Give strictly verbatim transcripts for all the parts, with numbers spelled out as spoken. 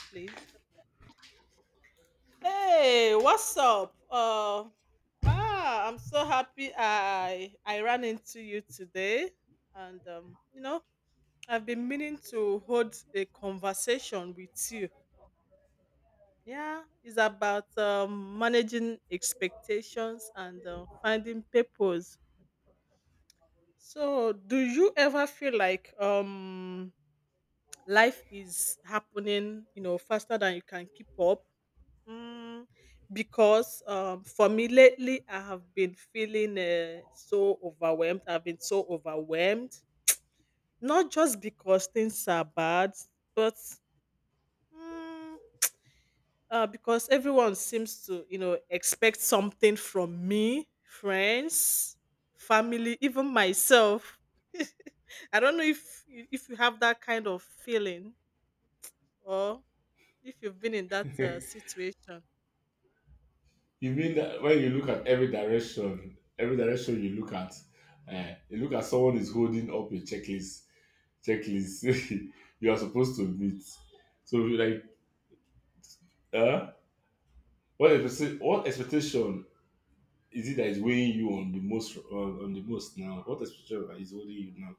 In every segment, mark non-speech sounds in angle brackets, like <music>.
Please. Hey, what's up? Uh, ah, I'm so happy I I ran into you today, and um, you know, I've been meaning to hold a conversation with you. Yeah, it's about um, managing expectations and uh, finding purpose. So, do you ever feel like um life is happening, you know, faster than you can keep up? Mm, because um, for me lately, I have been feeling uh, so overwhelmed. I've been so overwhelmed, not just because things are bad, but mm, uh, because everyone seems to, you know, expect something from me, friends, family, even myself. I don't know if you- if you have that kind of feeling or if you've been in that uh, <laughs> situation. You mean that when you look at every direction, every direction you look at, uh, you look at someone is holding up a checklist, checklist <laughs> you are supposed to meet. So you like, uh, what expectation? What expectation is it that is weighing you on the most on, on the most now? What expectation is holding you now?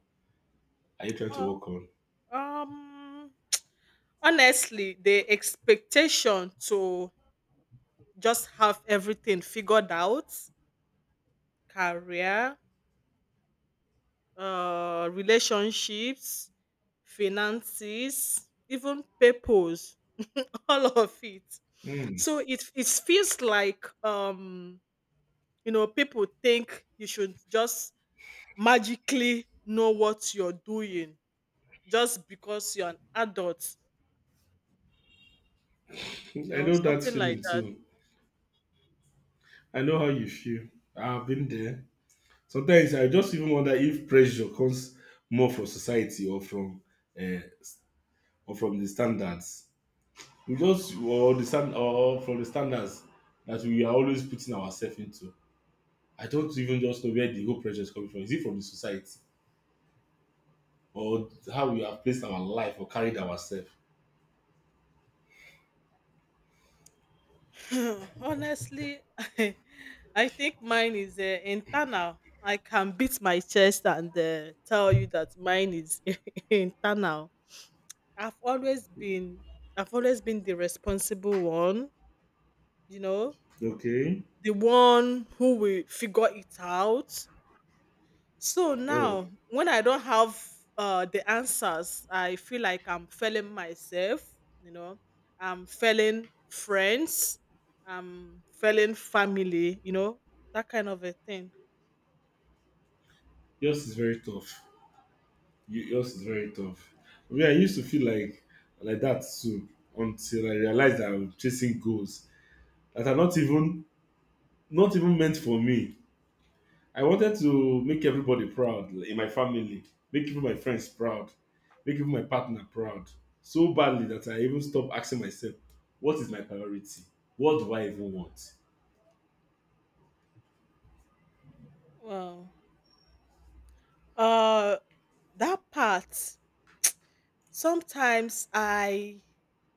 Are you trying to Oh, work on? um. Honestly, the expectation to just have everything figured out, career, uh, relationships, finances, even purpose, <laughs> all of it. Hmm. So it it feels like um you know people think you should just magically know what you're doing just because you're an adult, you I know, know that something like feeling that. too. I know how you feel. I've been there. Sometimes I just even wonder if pressure comes more from society or from uh, or from the standards. We just or the stand or from the standards that we are always putting ourselves into. I don't even just know where the whole pressure is coming from. Is it from the society or how we have placed our life or carried ourselves? <laughs> Honestly, <laughs> I, I think mine is uh, internal. I can beat my chest and uh, tell you that mine is <laughs> internal. I've always been I've always been the responsible one, you know, Okay. the one who will figure it out. So Oh, now, when I don't have uh, the answers, I feel like I'm failing myself. You know, I'm failing friends, I'm failing family. You know, that kind of a thing. yours is very tough. You, yours is very tough. I mean, I used to feel like like that too until I realized that I'm chasing goals that are not even not even meant for me. I wanted to make everybody proud in my family, make even my friends proud, make even my partner proud so badly that I even stopped asking myself, what is my priority? What do I even want? Wow. Uh, that part. Sometimes I,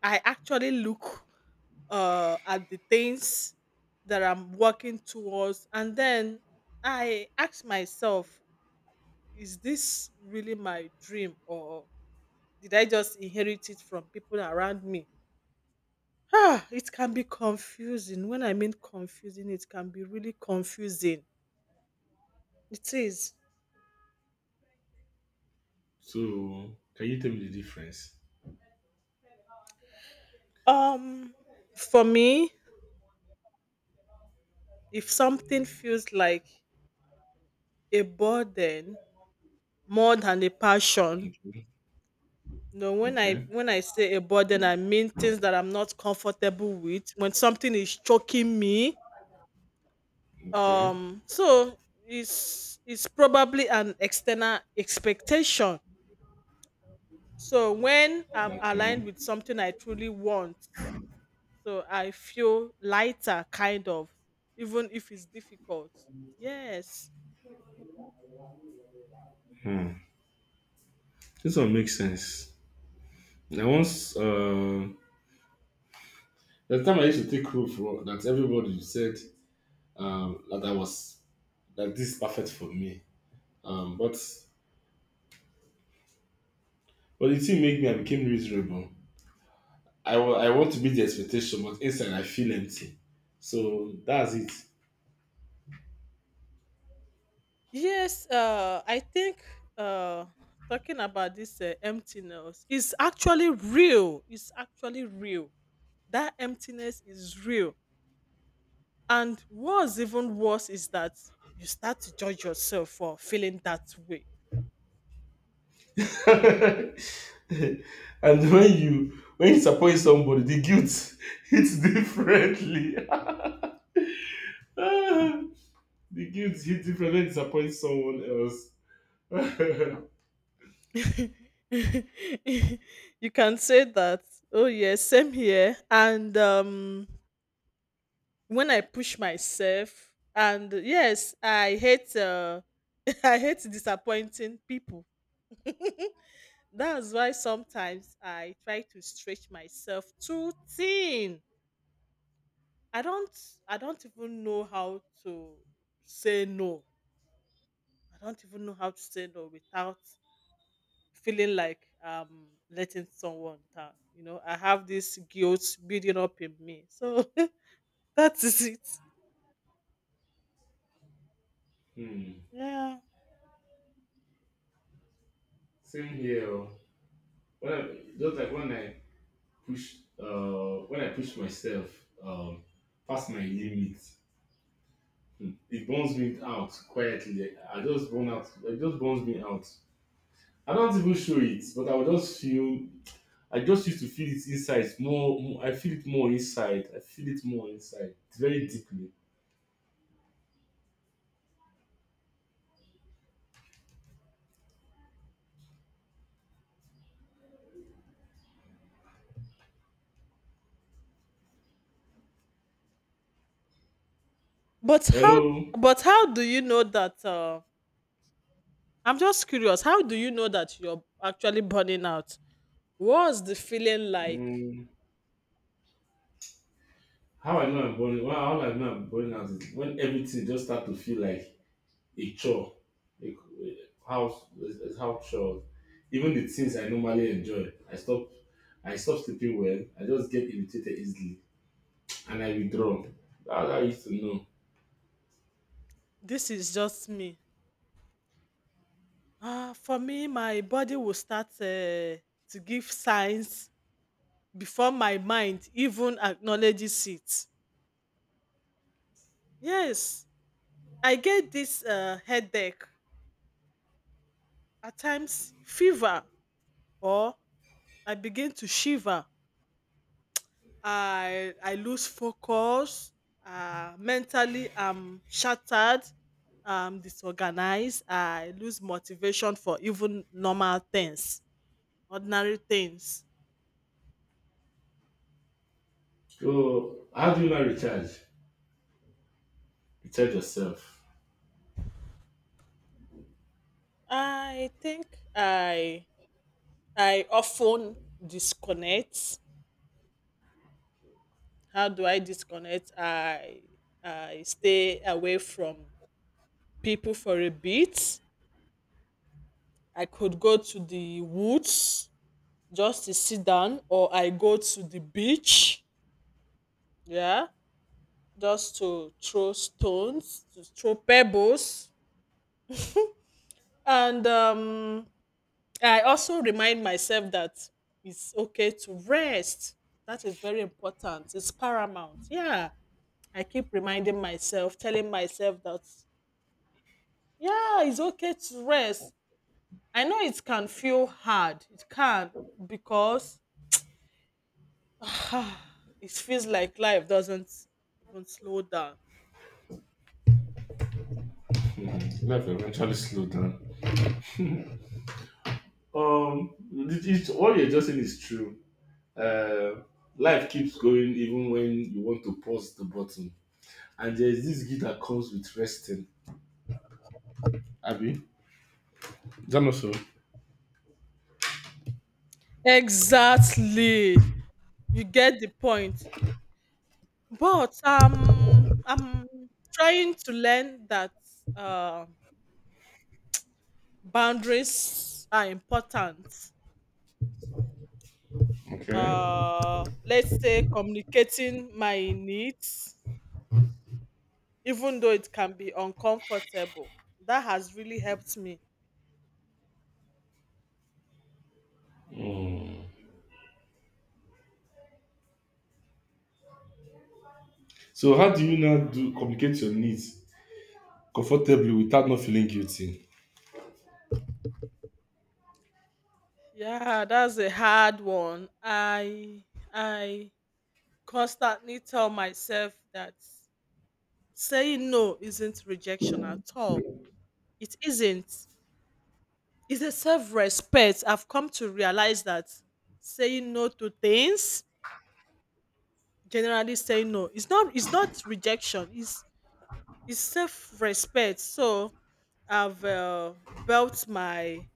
I actually look uh, at the things that I'm working towards, and then I ask myself, is this really my dream or did I just inherit it from people around me? Ah, it can be confusing. When I mean confusing, it can be really confusing. It is. So, can you tell me the difference? Um, for me, if something feels like a burden more than a passion, Okay, no, when I okay, when I say a burden, I mean things that I'm not comfortable with. When something is choking me, okay, um so it's it's probably an external expectation. So when I'm okay. aligned with something I truly want, so I feel lighter, kind of, even if it's difficult. Yes, Hmm. This one makes sense. I once, uh, the time I used to take roof, ro- that everybody said um, that I was that this is perfect for me. Um, but But the thing made me, I became miserable. I wa- I want to meet the expectation, but inside I feel empty. So that's it. yes, uh I think uh talking about this uh, emptiness is actually real, it's actually real, that emptiness is real. And what's even worse is that you start to judge yourself for feeling that way. <laughs> And when you when you disappoint somebody, the guilt <laughs> hits differently. <laughs> Ah, the guilt hits different when you disappoint someone else. <laughs> <laughs> You can say that, oh, yes, same here. And um, when I push myself, and yes, I hate. Uh, <laughs> I hate disappointing people. <laughs> That's why sometimes I try to stretch myself too thin. I don't I don't even know how to say no. I don't even know how to say no without feeling like um letting someone down. You know, I have this guilt building up in me. So <laughs> that is it. Hmm. Yeah. Same here. Oh. When I, just like when I push, uh, when I push myself um, past my limit, Hmm. It burns me out quietly. I just burn out. It just burns me out. I don't even show it, but I will just feel. I just used to feel it inside. It's More, more- I feel it more inside. I feel it more inside. It's very deeply. But how Hello. but how do you know that uh I'm just curious, how do you know that you're actually burning out? What's the feeling like? Mm, how I know I'm burning. Well, how I know I'm burning out is when everything just start to feel like a chore. A, a house, a house chore. Even the things I normally enjoy, I stop. I stop sleeping well. I just get irritated easily. And I withdraw. That's how I used to know. This is just me. Ah, for me, my body will start uh, to give signs before my mind even acknowledges it. Yes, I get this uh, headache, at times fever, or I begin to shiver. I I lose focus. Uh, mentally, I'm shattered. I'm disorganized. I lose motivation for even normal things, ordinary things. So, how do you not recharge? Recharge yourself. I think I I often disconnect. How do I disconnect? I I stay away from people for a bit. I could go to the woods just to sit down, or I go to the beach. Yeah, just to throw stones, to throw pebbles. And um, I also remind myself that it's okay to rest. That is very important. It's paramount. Yeah. I keep reminding myself, telling myself that, yeah, it's okay to rest. I know it can feel hard. It can, because <sighs> it feels like life doesn't even slow down. <laughs> Life will eventually slow down. Um, it- it's, what you're just saying is true. Uh, life keeps going even when you want to pause the button. And there's this gift that comes with resting. Abby, is that not so? Exactly. You get the point. But um, I'm trying to learn that uh, boundaries are important. Okay. Uh, let's say communicating my needs, even though it can be uncomfortable, that has really helped me. Mm. So, how do you now do communicate your needs comfortably without not feeling guilty? Yeah, that's a hard one. I I constantly tell myself that saying no isn't rejection at all. It isn't. It's a self-respect. I've come to realize that saying no to things, generally saying no, it's not it's not rejection. It's it's self-respect. So I've uh, built my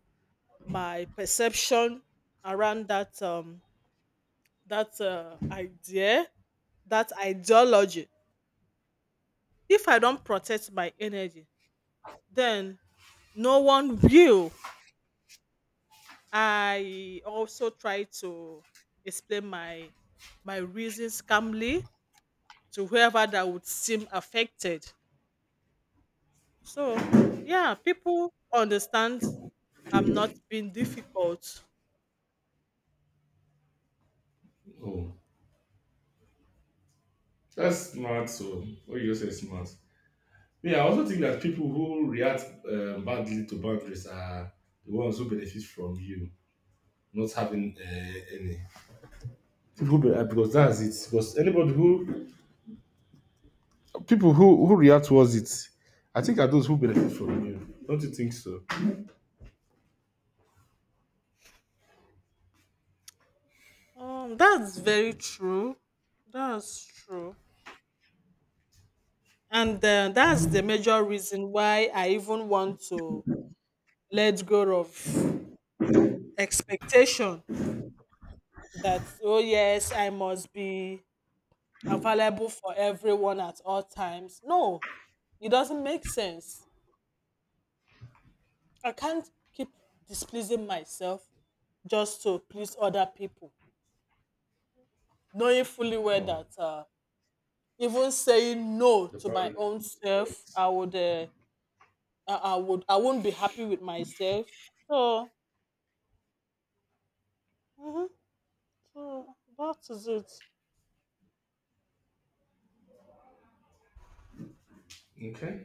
my perception around that um that uh, idea, that ideology. If I don't protect my energy, then no one will. I also try to explain my my reasons calmly to whoever that would seem affected. So yeah, people understand I'm not being difficult. Oh, that's smart. So, what you just say is smart. Yeah, I also think that people who react um, badly to boundaries are the ones who benefit from you not having uh, any. People be, uh, because that's it. Because anybody who people who who react towards it, I think are those who benefit from you. Don't you think so? Um, that's very true. That's true. And uh, that's the major reason why I even want to let go of expectation that, oh, yes, I must be available for everyone at all times. No, it doesn't make sense. I can't keep displeasing myself just to please other people, knowing fully well No, that uh, even saying no the to my priority should own be self, first. I would, uh, I, I would, I won't be happy with myself. So, hmm so that is it. Okay.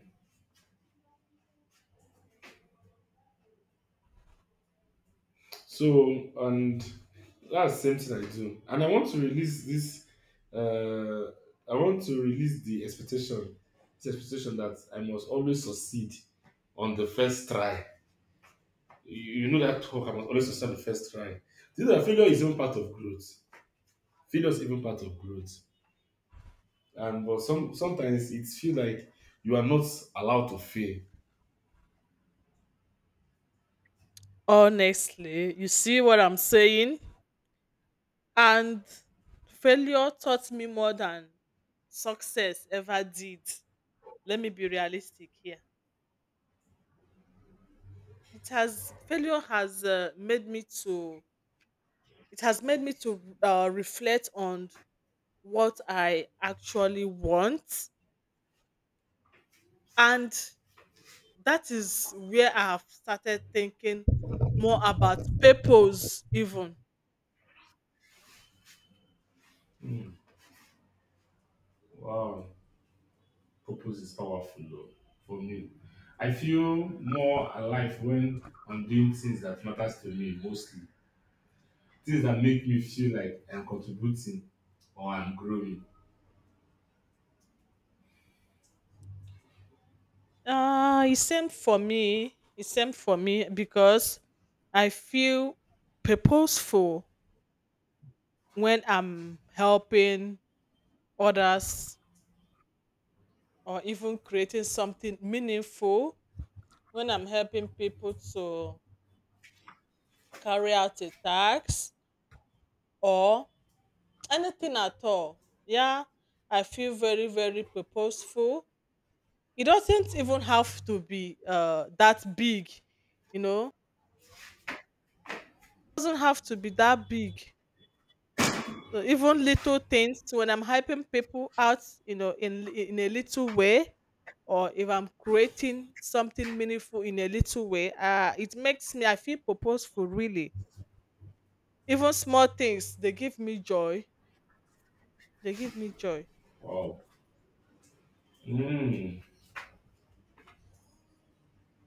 So and that's the same thing I do. And I want to release this uh I want to release the expectation, this expectation that I must always succeed on the first try. You, you know that talk I must always succeed on the first try. This is that failure is even part of growth. Failure is even part of growth. And but some sometimes it feels like you are not allowed to fail. Honestly, you see what I'm saying, and failure taught me more than success ever did. Let me be realistic here. it has failure has uh, made me to it has made me to uh, reflect on what I actually want, and that is where I have started thinking more about purpose even. Hmm. Wow. Purpose is powerful though, for me. I feel more alive when I'm doing things that matters to me mostly. Things that make me feel like I'm contributing or I'm growing. uh it's same for me, it's same for me, because I feel purposeful when I'm helping others or even creating something meaningful, when I'm helping people to carry out a task or anything at all. Yeah, I feel very, very purposeful. It doesn't even have to be uh, that big, you know, it doesn't have to be that big. So even little things, when I'm helping people out, you know, in, in a little way, or if I'm creating something meaningful in a little way, uh, it makes me, I feel purposeful really. Even small things, they give me joy. They give me joy. Wow. Mm.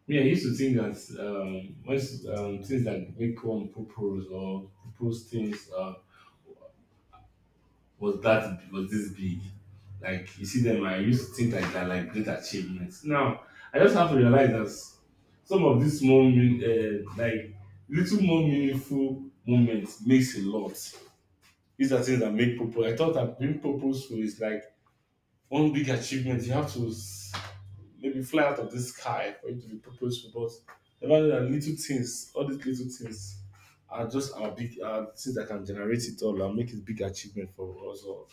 Yeah, I used to think that um, most um, things that make one purpose or purpose things uh, was that was this big. Like you see them, I used to think like that, like great achievements. Now I just have to realize that some of these small, mean- uh, like little more meaningful moments makes a lot. These are things that make purpose. I thought that being purposeful is like one big achievement. You have to s- maybe fly out of the sky for it to be purposeful, but never know that little things, all these little things are just our big are the things that can generate it all and make it big achievement for us all.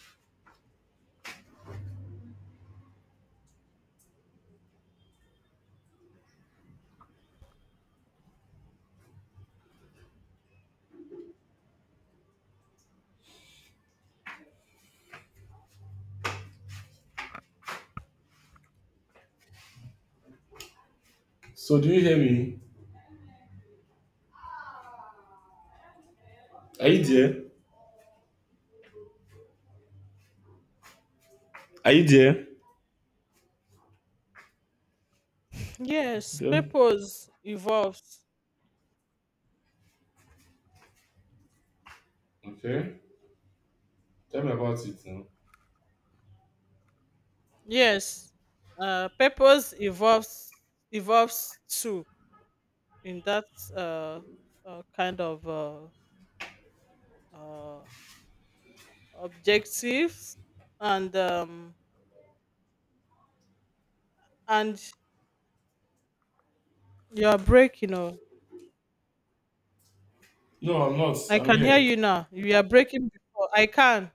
So do you hear me? Are you there? Are you there? Yes, Okay. purpose evolves. Okay. Tell me about it now. Yes, uh, purpose evolves evolves too in that uh, uh, kind of uh, uh, objectives and um, and you are breaking. Oh, No, I'm not. I I'm can hear here. you now. You are breaking before. I can.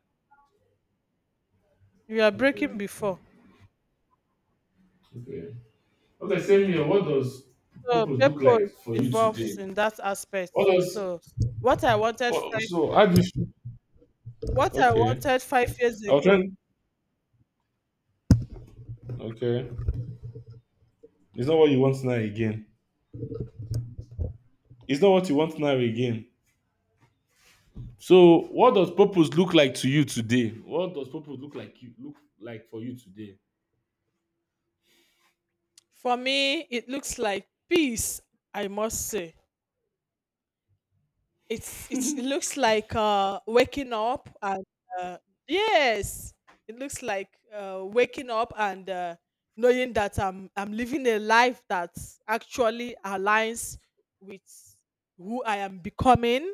You are breaking Okay. Okay. before. Okay. Okay, same here. What does So purpose look like purpose for you evolves today? in that aspect What too. does So what I wanted Oh, five so how do you feel? what I Okay. wanted five years I was ago. trying. Okay. It's not what you want now again. It's not what you want now again. So, what does purpose look like to you today? What does purpose look like you look like for you today? For me, it looks like peace. I must say, it's it's it looks like uh, waking up and uh, yes, it looks like uh, waking up and uh, knowing that I'm I'm living a life that actually aligns with who I am becoming,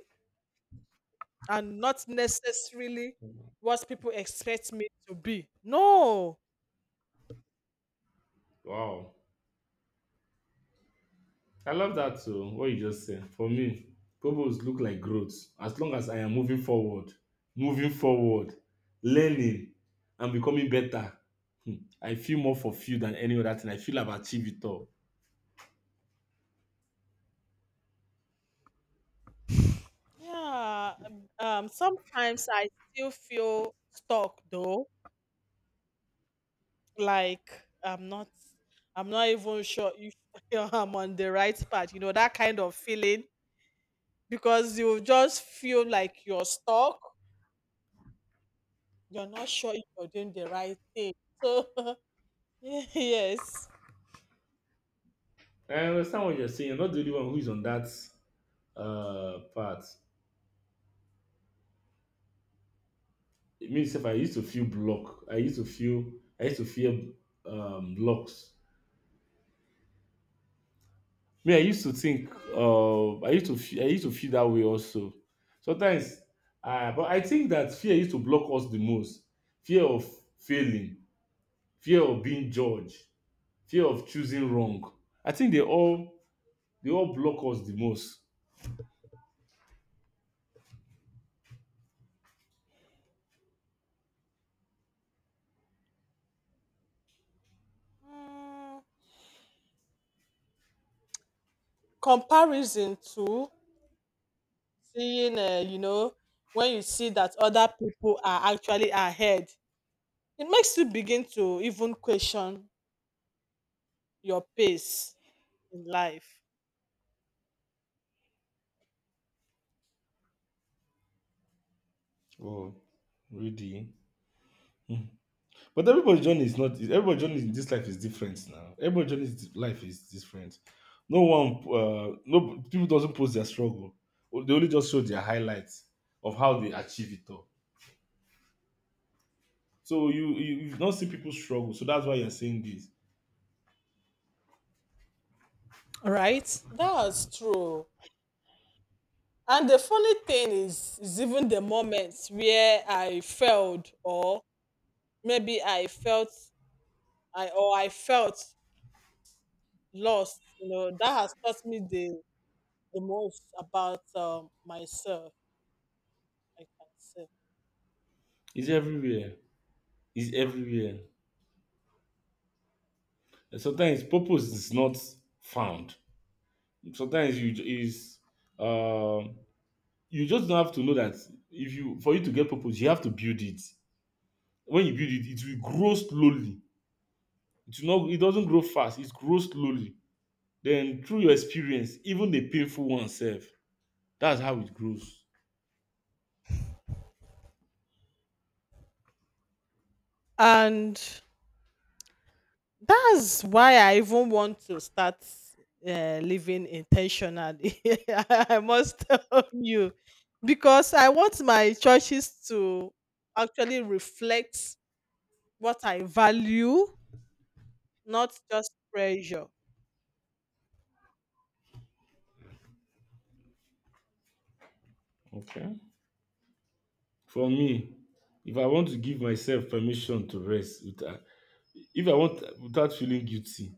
and not necessarily what people expect me to be. No, Wow. I love that too. What you just said. For me, purpose look like growth. As long as I am moving forward, moving forward, learning, and becoming better, hmm, I feel more fulfilled than any other thing. I feel I've achieved it all. yeah. Um, um, sometimes I still feel stuck though, like I'm not I'm not even sure if <laughs> I'm on the right path, you know, that kind of feeling, because you just feel like you're stuck, you're not sure if you're doing the right thing. So <laughs> yes. I understand what you're saying. You're not the only one who is on that uh part. It means if I used to feel block, I used to feel, I used to feel um blocks Me, I used to think, uh, I used to, fe- I used to feel that way also. Sometimes, uh, but I think that fear used to block us the most. Fear of failing, fear of being judged, fear of choosing wrong. I think they all, they all block us the most. Mm, comparison to seeing, uh, you know, when you see that other people are actually ahead, it makes you begin to even question your pace in life. Oh, really? But everybody's journey is not. Everybody's journey in this life is different now. Everybody's journey in this life is different. No one, uh, no people doesn't post their struggle. They only just show their highlights of how they achieve it all. So you, you you've not seen people struggle. So that's why you're saying this. Right? That's true. And the funny thing is, is even the moments where I failed, or maybe I felt I or I felt lost, you know, that has taught me the the most about um, myself, I can say. It's everywhere. It's everywhere. And sometimes purpose is not found. Sometimes you ju- is um you just don't have to know that if you for you to get purpose, you have to build it. When you build it, it will grow slowly. It will not. It doesn't grow fast. It grows slowly. Then through your experience, even the painful one self, that's how it grows. And that's why I even want to start uh, living intentionally. <laughs> I must tell you, because I want my churches to actually reflect what I value, not just pressure. Okay. For me, if I want to give myself permission to rest, with. Uh, if I want without feeling guilty.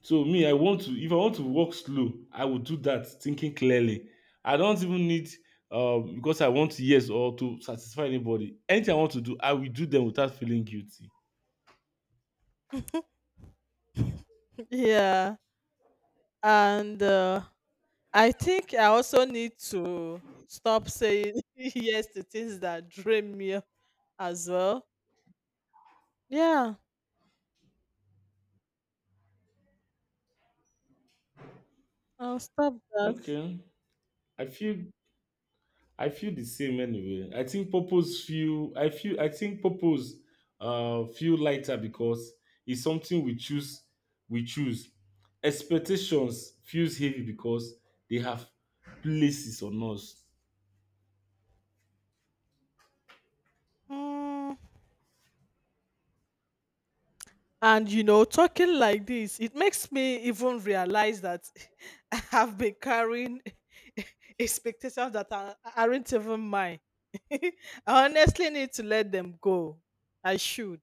So me, I want to if I want to walk slow, I will do that thinking clearly. I don't even need um because I want yes or to satisfy anybody. Anything I want to do, I will do them without feeling guilty. <laughs> Yeah. And uh, I think I also need to stop saying <laughs> yes to things that drain me as well. Yeah, I'll stop that. Okay. I feel I feel the same anyway. I think purpose feel I feel I think purpose uh feel lighter because it's something we choose we choose. Expectations feels heavy because they have places on us. Mm. And you know, talking like this, it makes me even realize that <laughs> I have been carrying <laughs> expectations that are, aren't even mine. <laughs> I honestly need to let them go. I should.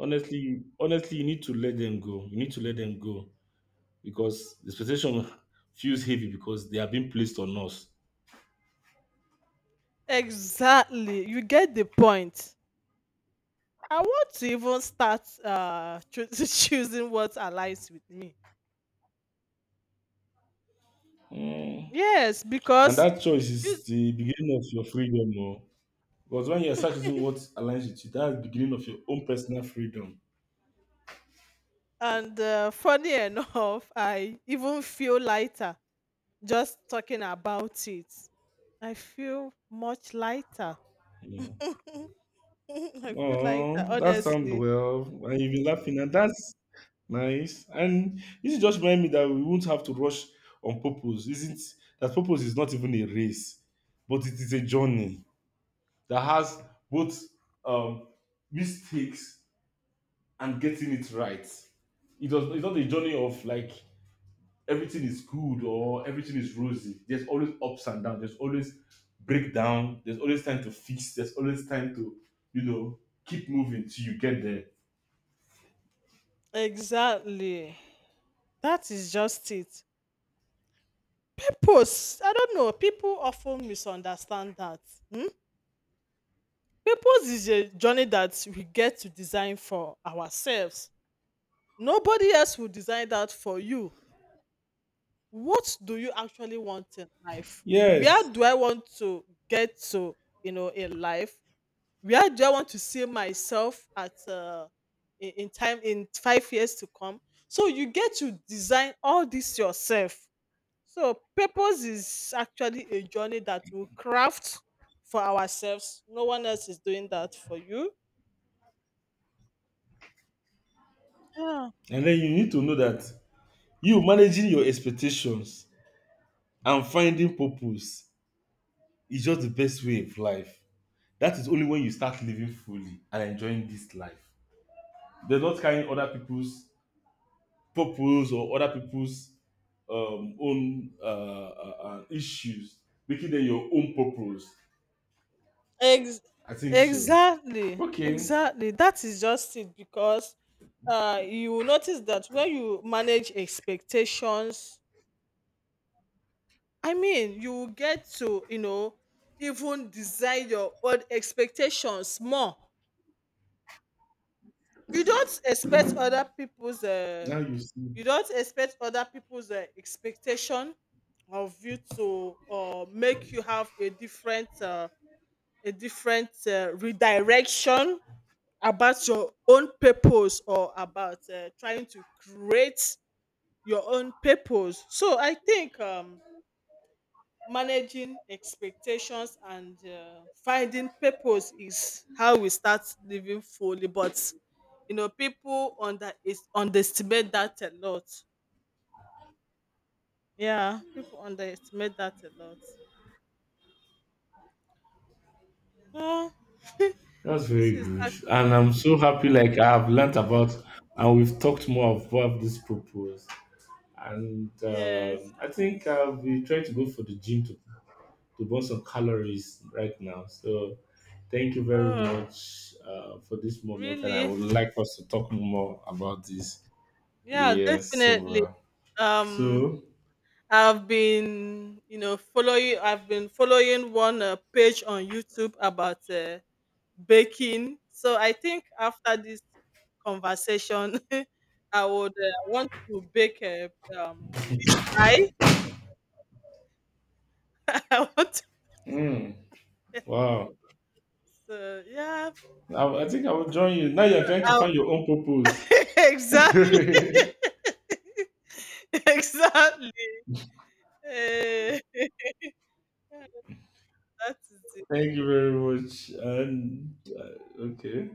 Honestly, honestly, you need to let them go, you need to let them go because the expectation <laughs> feels heavy because they are being placed on us. Exactly. You get the point. I want to even start uh, choo- <laughs> choosing what aligns with me. Mm. Yes, And because that choice choose is the beginning of your freedom, oh. Because when you start using what aligns with you, that's the beginning of your own personal freedom. and uh, funny enough, I even feel lighter just talking about it. I feel much lighter. <laughs> Mm. I feel lighter, Oh, that sounds honestly. well, and you've been laughing, and that's nice, and this just remind me that we won't have to rush on purpose isn't that purpose is not even a race, but it is a journey that has both um, mistakes and getting it right. It does, it's not a journey of like everything is good or everything is rosy. There's always ups and downs. There's always breakdown. There's always time to fix. There's always time to, you know, keep moving till you get there. Exactly. That is just it. Purpose. I don't know. People often misunderstand that. Hmm? Purpose is a journey that we get to design for ourselves. Nobody else will design that for you. What do you actually want in life? Where Yes. do I want to get to, you know, in life? Where do I want to see myself at uh, in, in time in five years to come? So you get to design all this yourself. So purpose is actually a journey that we craft for ourselves. No one else is doing that for you. Yeah. And then you need to know that you managing your expectations and finding purpose is just the best way of life. That is only when you start living fully and enjoying this life. They're not carrying other people's purpose or other people's um, own uh, uh, uh, issues, making them your own purpose. Ex- I think so. exactly, Okay, exactly. That is just it, because uh, you will notice that when you manage expectations, I mean, you will get to, you know, even design your own expectations more. You don't expect other people's, uh, now you see. you don't expect other people's uh, expectation of you to uh, make you have a different, uh, a different uh, redirection about your own purpose or about uh, trying to create your own purpose. So I think um, managing expectations and uh, finding purpose is how we start living fully, but you know people under is underestimate that a lot, yeah, people underestimate that a lot. Oh <laughs> That's this very is good. ac- And I'm so happy like I have learnt about and we've talked more about this purpose. And yes. um I think I'll be trying to go for the gym to to burn some calories right now. So thank you very Oh much uh, for this moment, and I really, would like us to talk more about this. yeah, Yes, so definitely. uh, um so I've been you know following, I've been following one uh, page on YouTube about uh, baking. So I think after this conversation, <laughs> I would uh, want to bake a um, fish pie. <laughs> I want to. <laughs> mm, wow, So yeah, I, I think I will join you now. You're trying to I'll- find your own <laughs> purpose. exactly, <laughs> <laughs> exactly. Eh, <laughs> that is it. Thank you very much, and uh, okay.